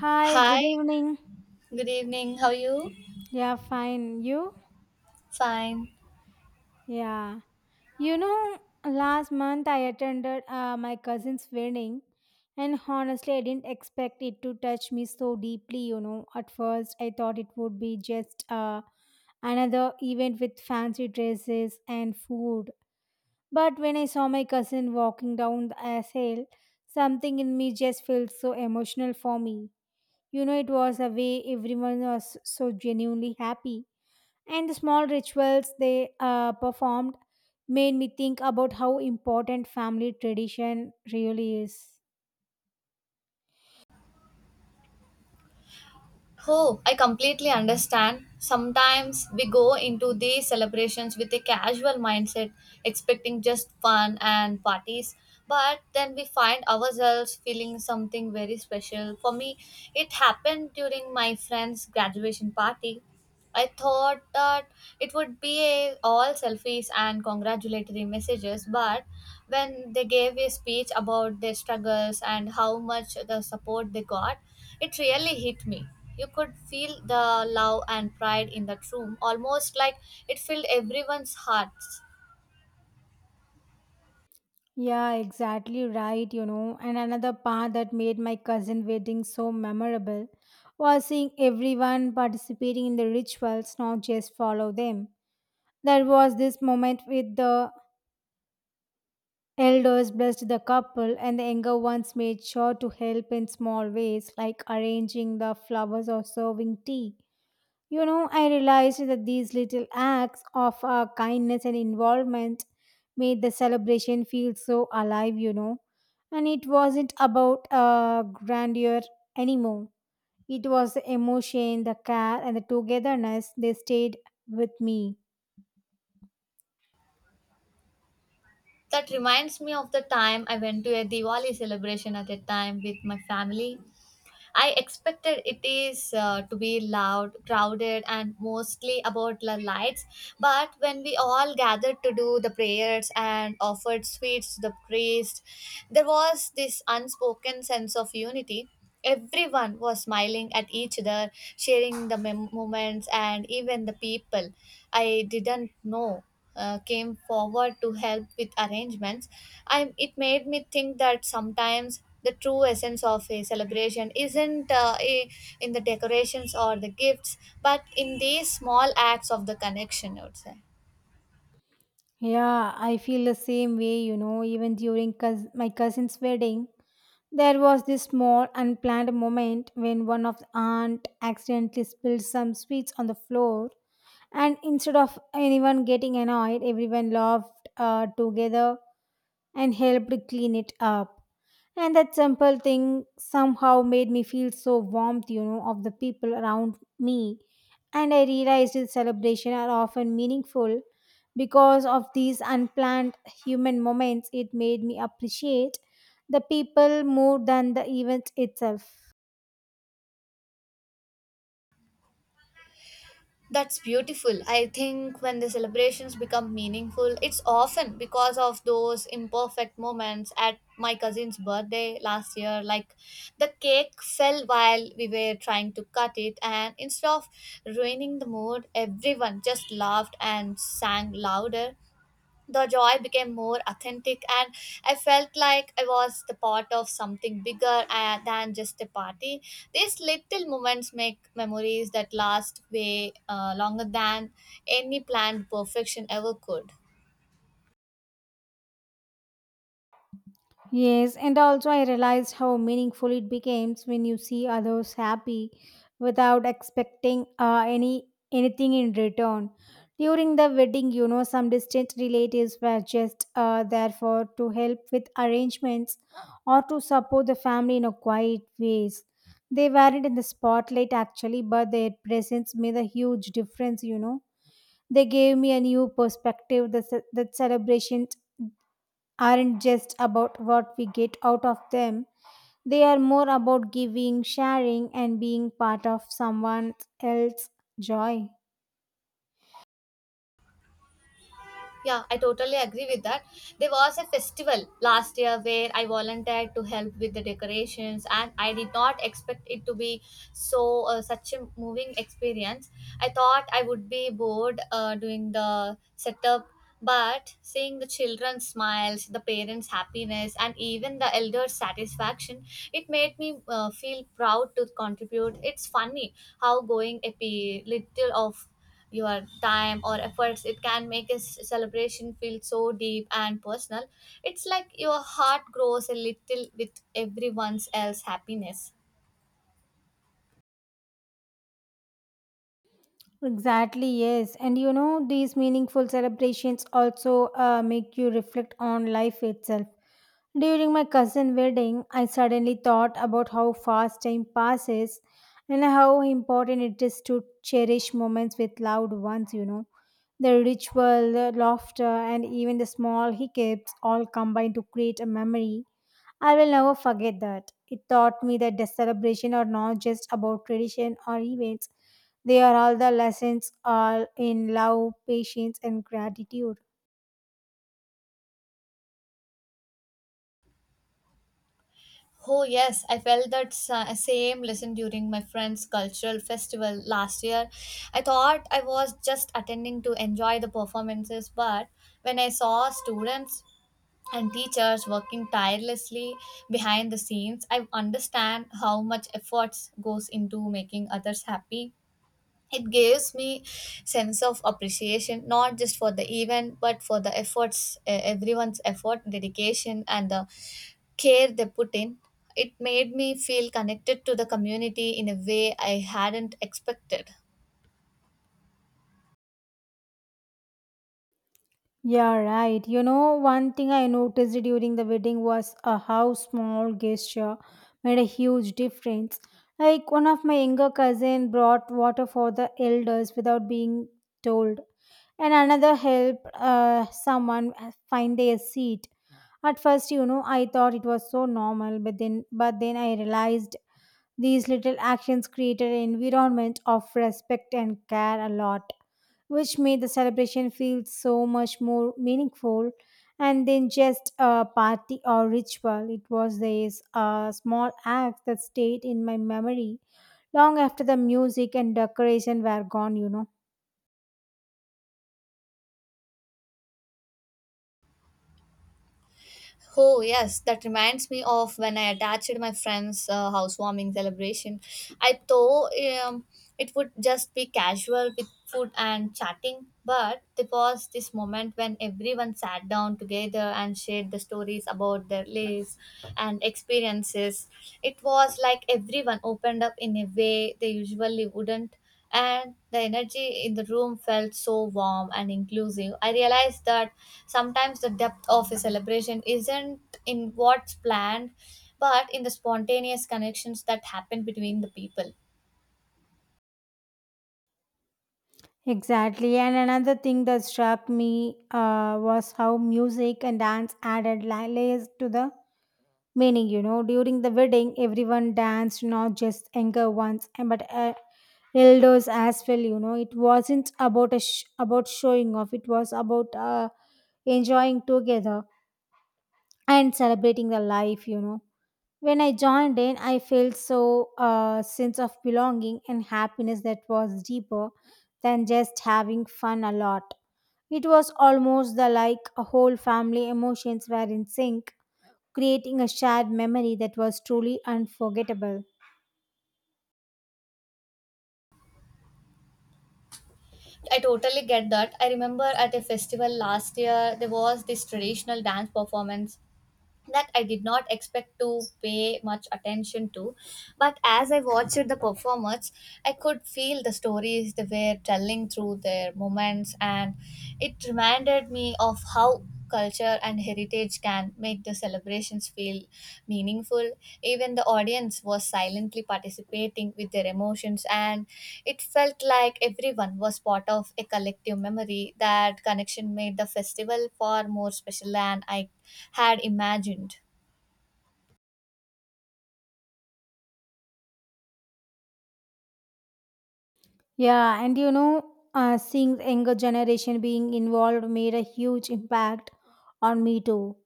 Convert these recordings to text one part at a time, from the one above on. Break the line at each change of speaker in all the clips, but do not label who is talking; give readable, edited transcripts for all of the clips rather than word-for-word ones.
Hi, good
Hi,
evening.
good evening. How are you?
Yeah, fine. You?
Fine.
Yeah. You know, last month I attended my cousin's wedding, and honestly, I didn't expect it to touch me so deeply. You know, at first, I thought it would be just another event with fancy dresses and food. But when I saw my cousin walking down the aisle, something in me just felt so emotional for me. You know, it was a way everyone was so genuinely happy and the small rituals they performed made me think about how important family tradition really is.
Oh, I completely understand. Sometimes we go into these celebrations with a casual mindset, expecting just fun and parties, but then we find ourselves feeling something very special. For me, it happened during my friend's graduation party. I thought that it would be a, all selfies and congratulatory messages, but when they gave a speech about their struggles and how much the support they got, it really hit me. You could feel the love and pride in that room, almost like it filled everyone's hearts.
Yeah, exactly right, you know. And another part that made my cousin wedding so memorable was seeing everyone participating in the rituals, not just follow them. There was this moment with the elders blessed the couple and the younger ones made sure to help in small ways like arranging the flowers or serving tea. You know, I realized that these little acts of kindness and involvement made the celebration feel so alive, you know. And it wasn't about grandeur anymore. It was the emotion, the care, and the togetherness they stayed with me.
That reminds me of the time I went to a Diwali celebration at a time with my family. I expected it is to be loud, crowded, and mostly about the lights. But when we all gathered to do the prayers and offered sweets to the priest, there was this unspoken sense of unity. Everyone was smiling at each other, sharing the moments, and even the people I didn't know came forward to help with arrangements. I, it made me think that sometimes the true essence of a celebration isn't in the decorations or the gifts, but in these small acts of the connection, I would say.
Yeah, I feel the same way, you know, even during my cousin's wedding. There was this small unplanned moment when one of the aunt accidentally spilled some sweets on the floor, and instead of anyone getting annoyed, everyone laughed together and helped clean it up, and that simple thing somehow made me feel so warmth, you know, of the people around me. And I realized that celebrations are often meaningful because of these unplanned human moments. It made me appreciate the people more than the event itself.
That's beautiful. I think when the celebrations become meaningful, it's often because of those imperfect moments at my cousin's birthday last year. Like the cake fell while we were trying to cut it, and instead of ruining the mood, everyone just laughed and sang louder. The joy became more authentic, and I felt like I was the part of something bigger than just a party. These little moments make memories that last way longer than any planned perfection ever could.
Yes, and also I realized how meaningful it becomes when you see others happy without expecting anything in return. During the wedding, you know, some distant relatives were just there for to help with arrangements or to support the family in a quiet ways. They weren't in the spotlight actually, but their presence made a huge difference. You know, they gave me a new perspective. That celebration aren't just about what we get out of them. They are more about giving, sharing, and being part of someone else's joy.
Yeah, I totally agree with that. There was a festival last year where I volunteered to help with the decorations, and I did not expect it to be such a moving experience. I thought I would be bored doing the setup, but seeing the children's smiles, the parents' happiness, and even the elders' satisfaction, it made me feel proud to contribute. It's funny how going a little of your time or efforts, it can make a celebration feel so deep and personal. It's like your heart grows a little with everyone's else happiness.
Exactly, yes. And you know, these meaningful celebrations also make you reflect on life itself. During my cousin's wedding, I suddenly thought about how fast time passes and how important it is to cherish moments with loved ones, you know. The ritual, the laughter, and even the small hiccups all combine to create a memory. I will never forget that. It taught me that the celebration are not just about tradition or events, they are all the lessons all in love, patience, and gratitude.
Oh yes, I felt that same lesson during my friend's cultural festival last year. I thought I was just attending to enjoy the performances, but when I saw students and teachers working tirelessly behind the scenes, I understand how much efforts goes into making others happy. It gives me sense of appreciation, not just for the event but for the efforts, everyone's effort, dedication, and the care they put in. It made me feel connected to the community in a way I hadn't expected.
Yeah, right. You know, one thing I noticed during the wedding was how small gesture made a huge difference. Like one of my younger cousin brought water for the elders without being told, and another helped someone find their seat. At first, you know, I thought it was so normal, but then I realized these little actions created an environment of respect and care a lot, which made the celebration feel so much more meaningful and then just a party or ritual. It was this small act that stayed in my memory long after the music and decoration were gone, you know.
Oh, yes, that reminds me of when I attached my friend's housewarming celebration. I thought um, it would just be casual with food and chatting, but there was this moment when everyone sat down together and shared the stories about their lives and experiences. It was like everyone opened up in a way they usually wouldn't, and the energy in the room felt so warm and inclusive. I realized that sometimes the depth of a celebration isn't in what's planned, but in the spontaneous connections that happen between the people.
Exactly. And another thing that struck me was how music and dance added layers to the meaning, you know. During the wedding, everyone danced, not just younger ones, and but elders as well. You know, it wasn't about about showing off. It was about enjoying together and celebrating the life. You know, when I joined in, I felt so sense of belonging and happiness that was deeper than just having fun a lot. It was almost the like a whole family emotions were in sync, creating a shared memory that was truly unforgettable.
I totally get that. I remember at a festival last year, there was this traditional dance performance that I did not expect to pay much attention to. But as I watched the performance, I could feel the stories they were telling through their moments, and it reminded me of how culture and heritage can make the celebrations feel meaningful. Even the audience was silently participating with their emotions, and it felt like everyone was part of a collective memory. That connection made the festival far more special than I had imagined.
Yeah, and you know, seeing the younger generation being involved made a huge impact on me too.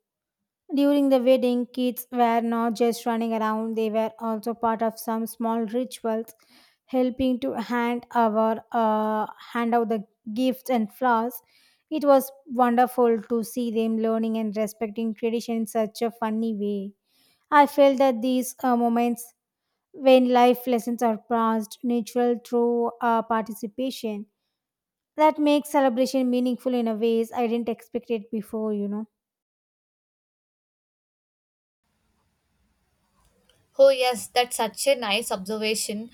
During the wedding, kids were not just running around, they were also part of some small rituals, helping to hand out the gifts and flowers. It was wonderful to see them learning and respecting tradition in such a funny way. I felt that these moments, when life lessons are passed natural through participation, that makes celebration meaningful in a ways I didn't expect it before, you know.
Oh, yes, that's such a nice observation.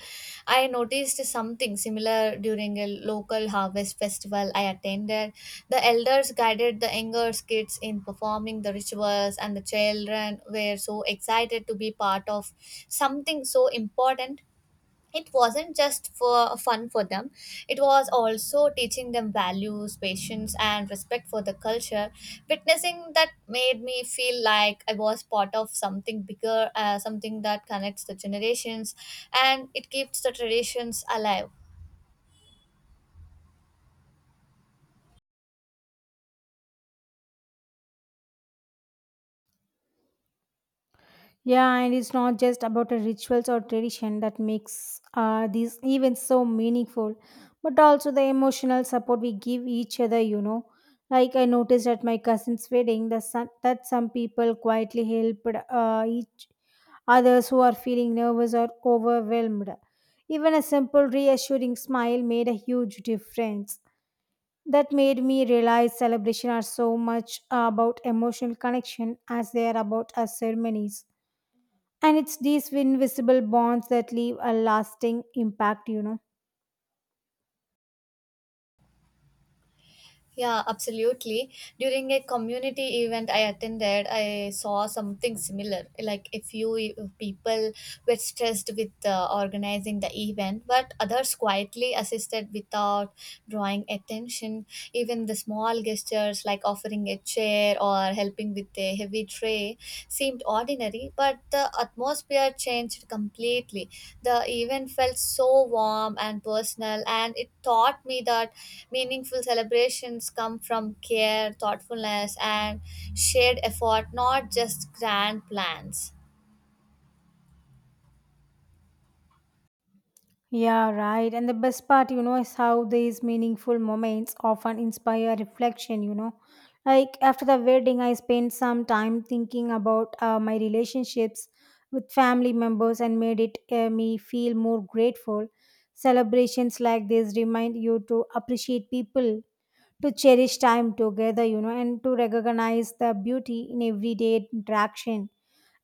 I noticed something similar during a local harvest festival I attended. The elders guided the younger kids in performing the rituals, and the children were so excited to be part of something so important. It wasn't just for fun for them, it was also teaching them values, patience, and respect for the culture. Witnessing that made me feel like I was part of something bigger, something that connects the generations and it keeps the traditions alive.
Yeah, and it's not just about the rituals or tradition that makes these events so meaningful, but also the emotional support we give each other, you know. Like I noticed at my cousin's wedding that some people quietly helped each others who are feeling nervous or overwhelmed. Even a simple reassuring smile made a huge difference. That made me realize celebrations are so much about emotional connection as they are about our ceremonies. And it's these invisible bonds that leave a lasting impact, you know.
Yeah, absolutely. During a community event I attended, I saw something similar. Like a people were stressed with organizing the event, but others quietly assisted without drawing attention. Even the small gestures like offering a chair or helping with a heavy tray seemed ordinary, but the atmosphere changed completely. The event felt so warm and personal, and it taught me that meaningful celebrations come from care, thoughtfulness, and shared effort, not just grand plans.
Yeah, right. And the best part, you know, is how these meaningful moments often inspire reflection, you know. Like after the wedding, I spent some time thinking about my relationships with family members and made it me feel more grateful. Celebrations like this remind you to appreciate people, to cherish time together, you know, and to recognize the beauty in everyday interaction.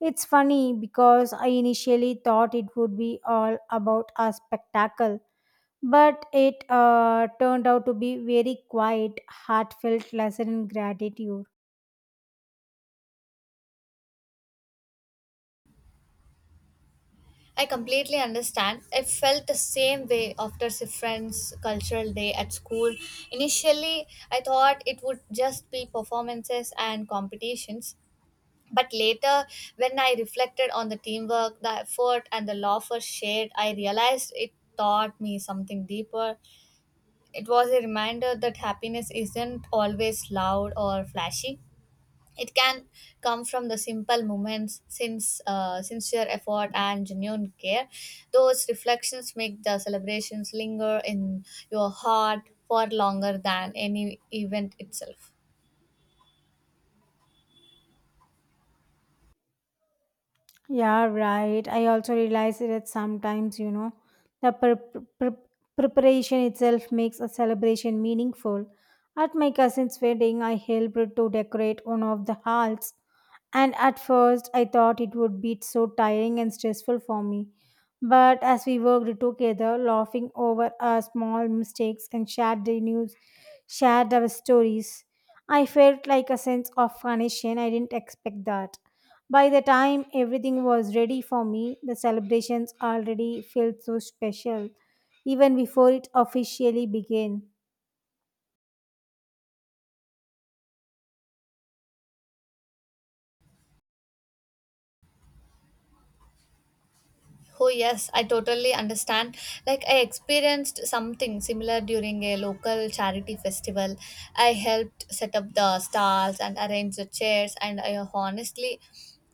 It's funny because I initially thought it would be all about a spectacle, but it turned out to be very quiet, heartfelt lesson in gratitude.
I completely understand. I felt the same way after Sifran's cultural day at school. Initially, I thought it would just be performances and competitions. But later, when I reflected on the teamwork, the effort, and the laughter shared, I realized it taught me something deeper. It was a reminder that happiness isn't always loud or flashy. It can come from the simple moments, since sincere effort and genuine care. Those reflections make the celebrations linger in your heart for longer than any event itself.
Yeah, right. I also realize that sometimes, you know, the preparation itself makes a celebration meaningful. At my cousin's wedding, I helped to decorate one of the halls, and at first I thought it would be so tiring and stressful for me. But as we worked together, laughing over our small mistakes and shared our stories, I felt like a sense of connection. I didn't expect that. By the time everything was ready for me, the celebrations already felt so special, even before it officially began.
Oh, yes, I totally understand. Like, I experienced something similar during a local charity festival. I helped set up the stalls and arrange the chairs, and I honestly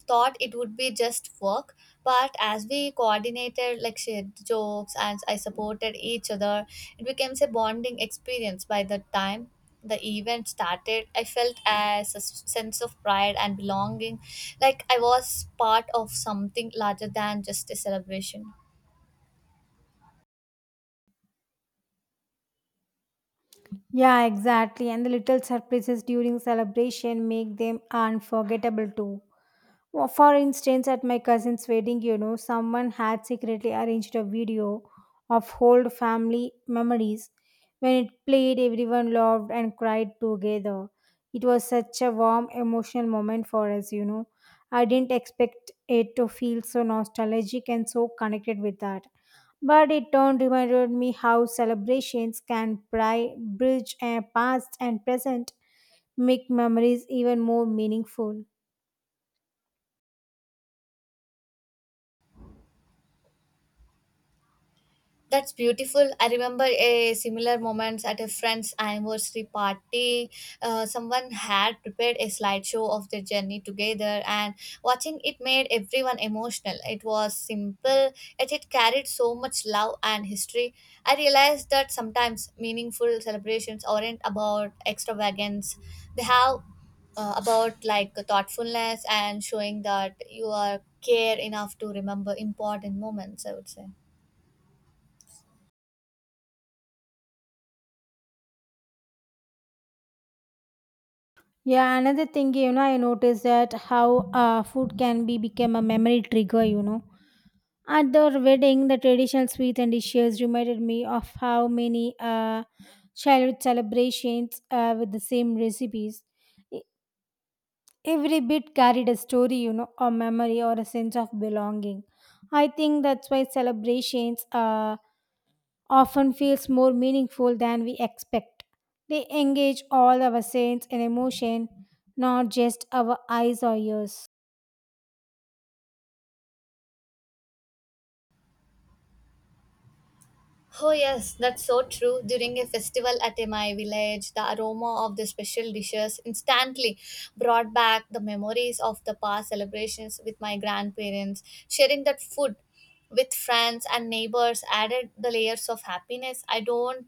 thought it would be just work. But as we coordinated, like, shared jokes and I supported each other, it became a bonding experience. By the time the event started, I felt as a sense of pride and belonging, like I was part of something larger than just a celebration.
Yeah, exactly. And the little surprises during celebration make them unforgettable too. Well, for instance, at my cousin's wedding, you know, someone had secretly arranged a video of old family memories. When it played, everyone loved and cried together. It was such a warm, emotional moment for us, you know. I didn't expect it to feel so nostalgic and so connected with that. But it turned reminded me how celebrations can bridge a past and present, make memories even more meaningful.
That's beautiful. I remember a similar moments at a friend's anniversary party. Someone had prepared a slideshow of their journey together, and watching it made everyone emotional. It was simple, yet it carried so much love and history. I realized that sometimes meaningful celebrations aren't about extravagance; they have about like thoughtfulness and showing that you are care enough to remember important moments, I would say.
Yeah, another thing, you know, I noticed that how food can be become a memory trigger, you know. At the wedding, the traditional sweets and dishes reminded me of how many childhood celebrations with the same recipes. E- Every bit carried a story, you know, a memory or a sense of belonging. I think that's why celebrations often feels more meaningful than we expect. They engage all our sense and emotion, not just our eyes or ears.
Oh, yes, that's so true. During a festival at my village, the aroma of the special dishes instantly brought back the memories of the past celebrations with my grandparents. Sharing that food with friends and neighbors added the layers of happiness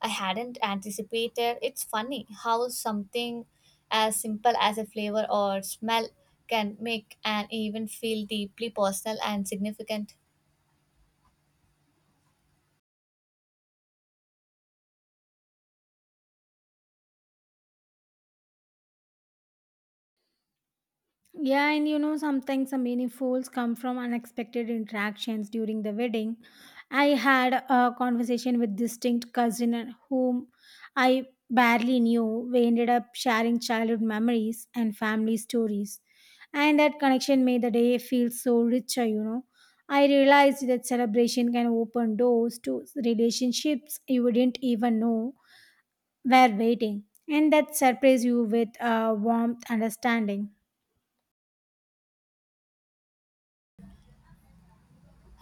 I hadn't anticipated. It's funny how something as simple as a flavor or smell can make an even feel deeply personal and significant.
Yeah, and you know, sometimes the meaningfuls come from unexpected interactions during the wedding. I had a conversation with distinct cousin and whom I barely knew. We ended up sharing childhood memories and family stories. And that connection made the day feel so richer, you know. I realized that celebration can open doors to relationships you wouldn't even know were waiting. And that surprise you with warmth understanding.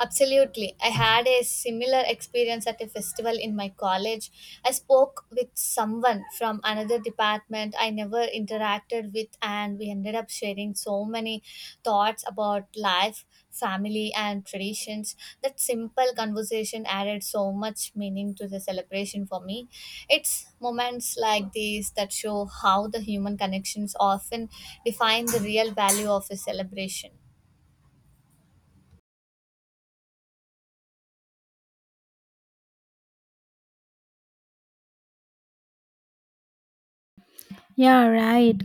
Absolutely. I had a similar experience at a festival in my college. I spoke with someone from another department I never interacted with, and we ended up sharing so many thoughts about life, family, and traditions. That simple conversation added so much meaning to the celebration for me. It's moments like these that show how the human connections often define the real value of a celebration.
Yeah, right.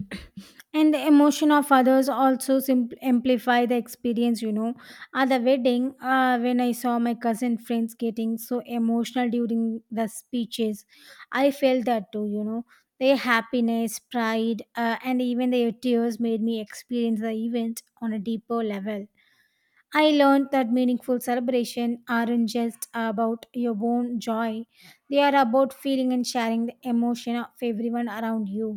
And the emotion of others also amplify the experience, you know. At the wedding, when I saw my cousin friends getting so emotional during the speeches, I felt that too, you know. Their happiness, pride, and even their tears made me experience the event on a deeper level. I learned that meaningful celebration aren't just about your own joy, they are about feeling and sharing the emotion of everyone around you.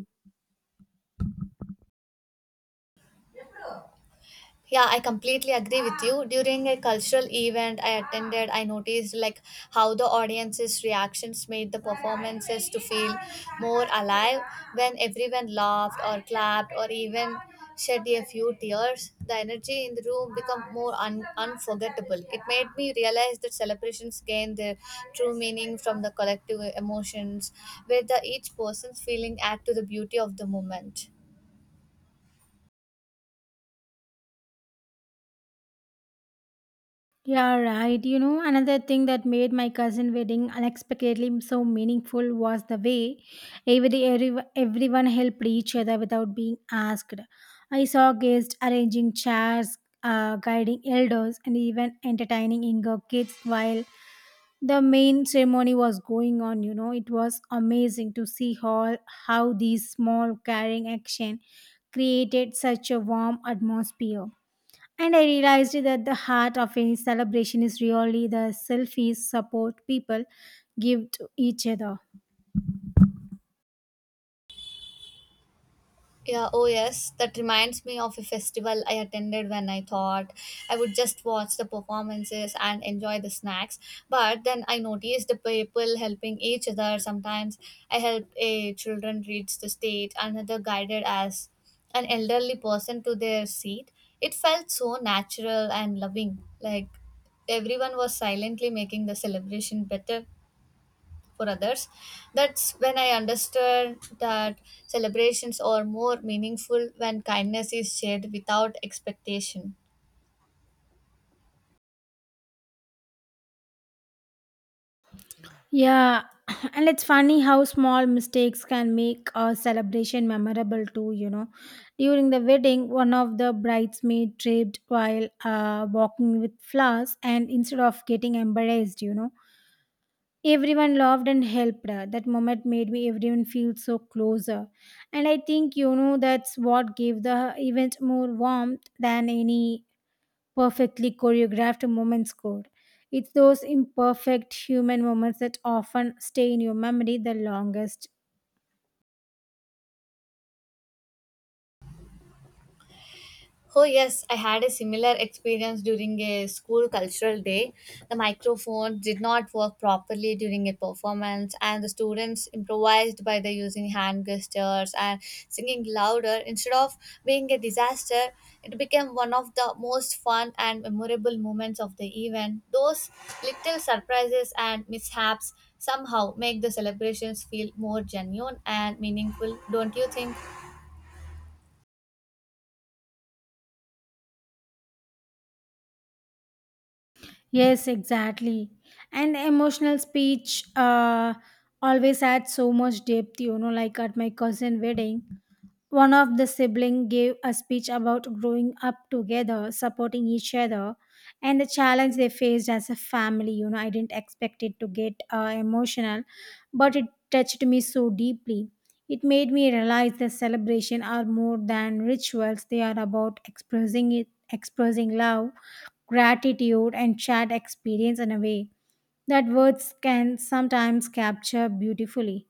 Yeah, I completely agree with you. During a cultural event I attended, I noticed like how the audience's reactions made the performances to feel more alive. When everyone laughed or clapped or even shed a few tears, the energy in the room became more unforgettable. It made me realize that celebrations gain their true meaning from the collective emotions, where the each person's feeling add to the beauty of the moment.
Yeah, right. You know, another thing that made my cousin wedding unexpectedly so meaningful was the way everyone helped each other without being asked. I saw guests arranging chairs, guiding elders, and even entertaining younger kids while the main ceremony was going on. You know, it was amazing to see how these small caring action created such a warm atmosphere. And I realized that the heart of any celebration is really the selfish support people give to each other.
Yeah, oh yes, that reminds me of a festival I attended when I thought I would just watch the performances and enjoy the snacks. But then I noticed the people helping each other. Sometimes I helped a children reach the stage, another guided as an elderly person to their seat. It felt so natural and loving, like everyone was silently making the celebration better for others. That's when I understood that celebrations are more meaningful when kindness is shared without expectation.
Yeah, and it's funny how small mistakes can make a celebration memorable too, you know. During the wedding, one of the bridesmaids tripped while walking with flowers, and instead of getting embarrassed, you know, everyone loved and helped her. That moment made me everyone feel so closer, and I think, you know, that's what gave the event more warmth than any perfectly choreographed moments could. It's those imperfect human moments that often stay in your memory the longest.
Oh, yes, I had a similar experience during a school cultural day. The microphone did not work properly during a performance, and the students improvised by the using hand gestures and singing louder. Instead of being a disaster, it became one of the most fun and memorable moments of the event. Those little surprises and mishaps somehow make the celebrations feel more genuine and meaningful, don't you think?
Yes, exactly. And emotional speech always adds so much depth, you know, like at my cousin wedding. One of the siblings gave a speech about growing up together, supporting each other, and the challenge they faced as a family. You know, I didn't expect it to get emotional, but it touched me so deeply. It made me realize that celebration are more than rituals; they are about expressing love, gratitude, and shared experience in a way that words can sometimes capture beautifully.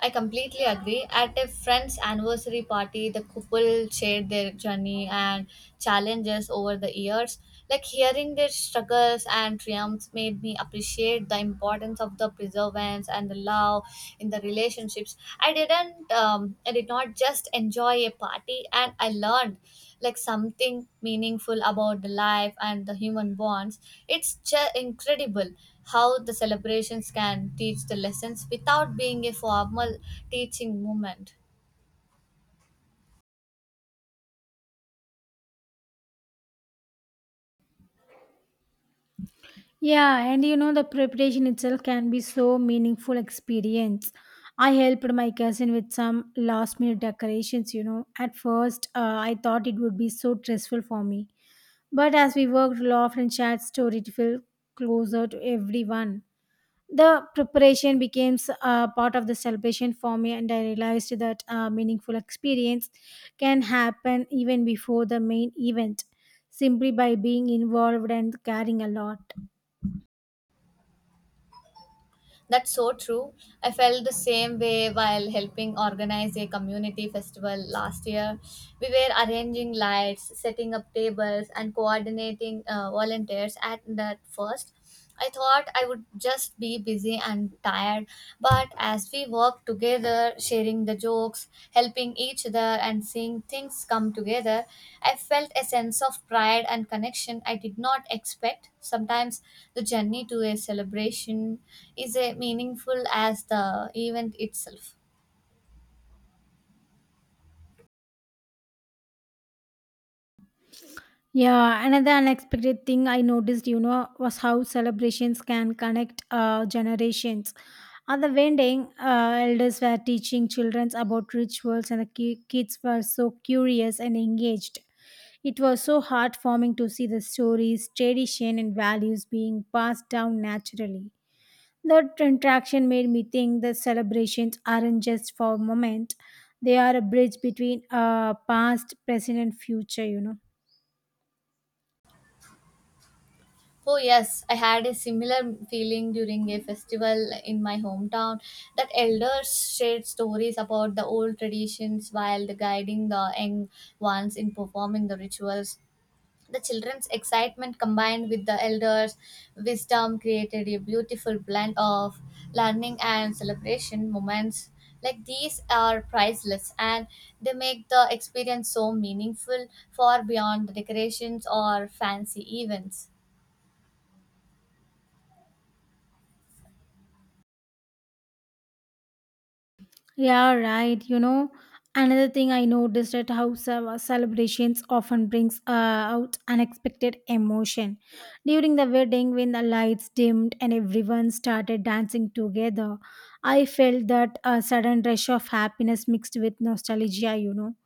I completely agree. At a friend's anniversary party, the couple shared their journey and challenges over the years. Like hearing their struggles and triumphs made me appreciate the importance of the perseverance and the love in the relationships. I did not just enjoy a party, and I learned like something meaningful about the life and the human bonds. It's just incredible how the celebrations can teach the lessons without being a formal teaching moment.
Yeah, and you know, the preparation itself can be so meaningful experience. I helped my cousin with some last minute decorations, you know. At first, I thought it would be so stressful for me. But as we worked, laughed, and shared stories, to feel closer to everyone. The preparation became a part of the celebration for me, and I realized that a meaningful experience can happen even before the main event, simply by being involved and caring a lot.
That's so true. I felt the same way while helping organize a community festival last year. We were arranging lights, setting up tables, and coordinating volunteers at that first. I thought I would just be busy and tired, but as we work together, sharing the jokes, helping each other, and seeing things come together, I felt a sense of pride and connection I did not expect. Sometimes the journey to a celebration is as meaningful as the event itself.
Yeah, another unexpected thing I noticed, you know, was how celebrations can connect generations. At the wedding, elders were teaching children about rituals, and the kids were so curious and engaged. It was so heartwarming to see the stories, tradition, and values being passed down naturally. That interaction made me think that celebrations aren't just for a moment; they are a bridge between past, present, and future, you know.
Oh, yes, I had a similar feeling during a festival in my hometown that elders shared stories about the old traditions while the guiding the young ones in performing the rituals. The children's excitement combined with the elders' wisdom created a beautiful blend of learning and celebration moments. Like these are priceless and they make the experience so meaningful far beyond the decorations or fancy events.
Yeah, right. You know, another thing I noticed at how celebrations often brings out unexpected emotion. During the wedding, when the lights dimmed and everyone started dancing together, I felt that a sudden rush of happiness mixed with nostalgia. You know,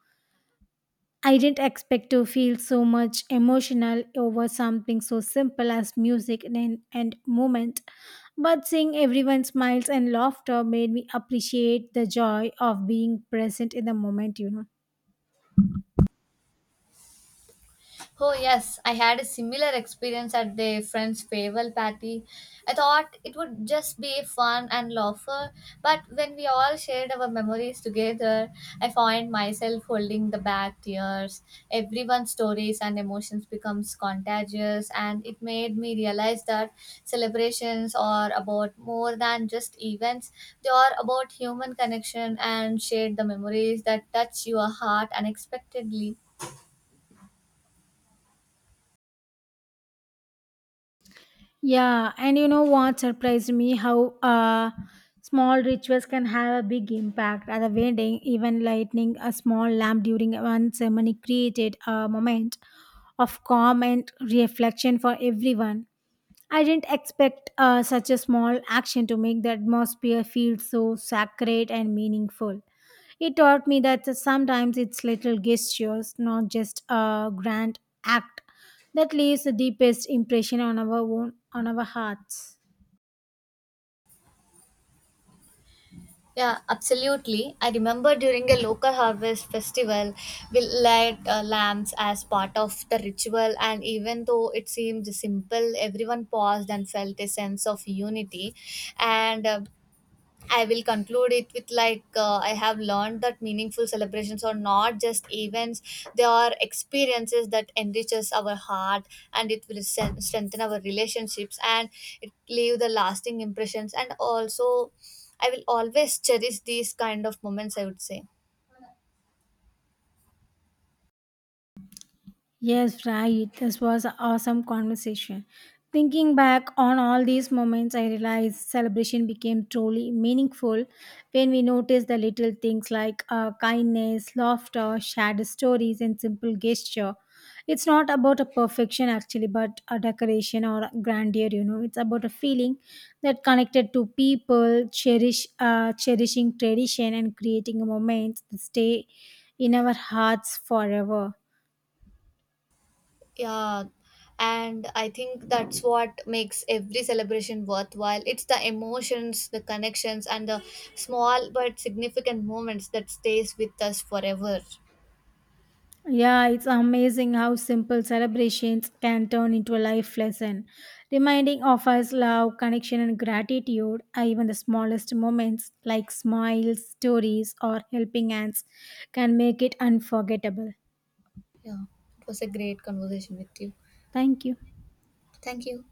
I didn't expect to feel so much emotional over something so simple as music in an end moment, but seeing everyone's smiles and laughter made me appreciate the joy of being present in the moment, you know.
Oh, yes, I had a similar experience at the friend's farewell party. I thought it would just be fun and laughter, but when we all shared our memories together, I find myself holding the back tears. Everyone's stories and emotions becomes contagious, and it made me realize that celebrations are about more than just events. They are about human connection and shared the memories that touch your heart unexpectedly.
Yeah, and you know what surprised me, how small rituals can have a big impact at a wedding. Even lighting a small lamp during one ceremony created a moment of calm and reflection for everyone. I didn't expect such a small action to make the atmosphere feel so sacred and meaningful. It taught me that sometimes it's little gestures, not just a grand act, that leaves the deepest impression on our own, on our hearts.
Yeah, absolutely. I remember during a local harvest festival, we light lamps as part of the ritual, and even though it seemed simple, everyone paused and felt a sense of unity. And I will conclude it with like I have learned that meaningful celebrations are not just events; they are experiences that enriches our heart and it will strengthen our relationships and it leave the lasting impressions. And also, I will always cherish these kind of moments, I would say.
Yes, right. This was an awesome conversation. Thinking back on all these moments, I realized celebration became truly meaningful when we noticed the little things like kindness, laughter, shared stories, and simple gesture. It's not about a perfection actually, but a decoration or grandeur. You know, it's about a feeling that connected to people, cherishing tradition, and creating moments that stay in our hearts forever.
Yeah, and I think that's what makes every celebration worthwhile. It's the emotions, the connections, and the small but significant moments that stays with us forever.
Yeah, it's amazing how simple celebrations can turn into a life lesson, reminding of us love, connection, and gratitude. Even the smallest moments, like smiles, stories, or helping hands, can make it unforgettable.
Yeah, it was a great conversation with you.
Thank you.
Thank you.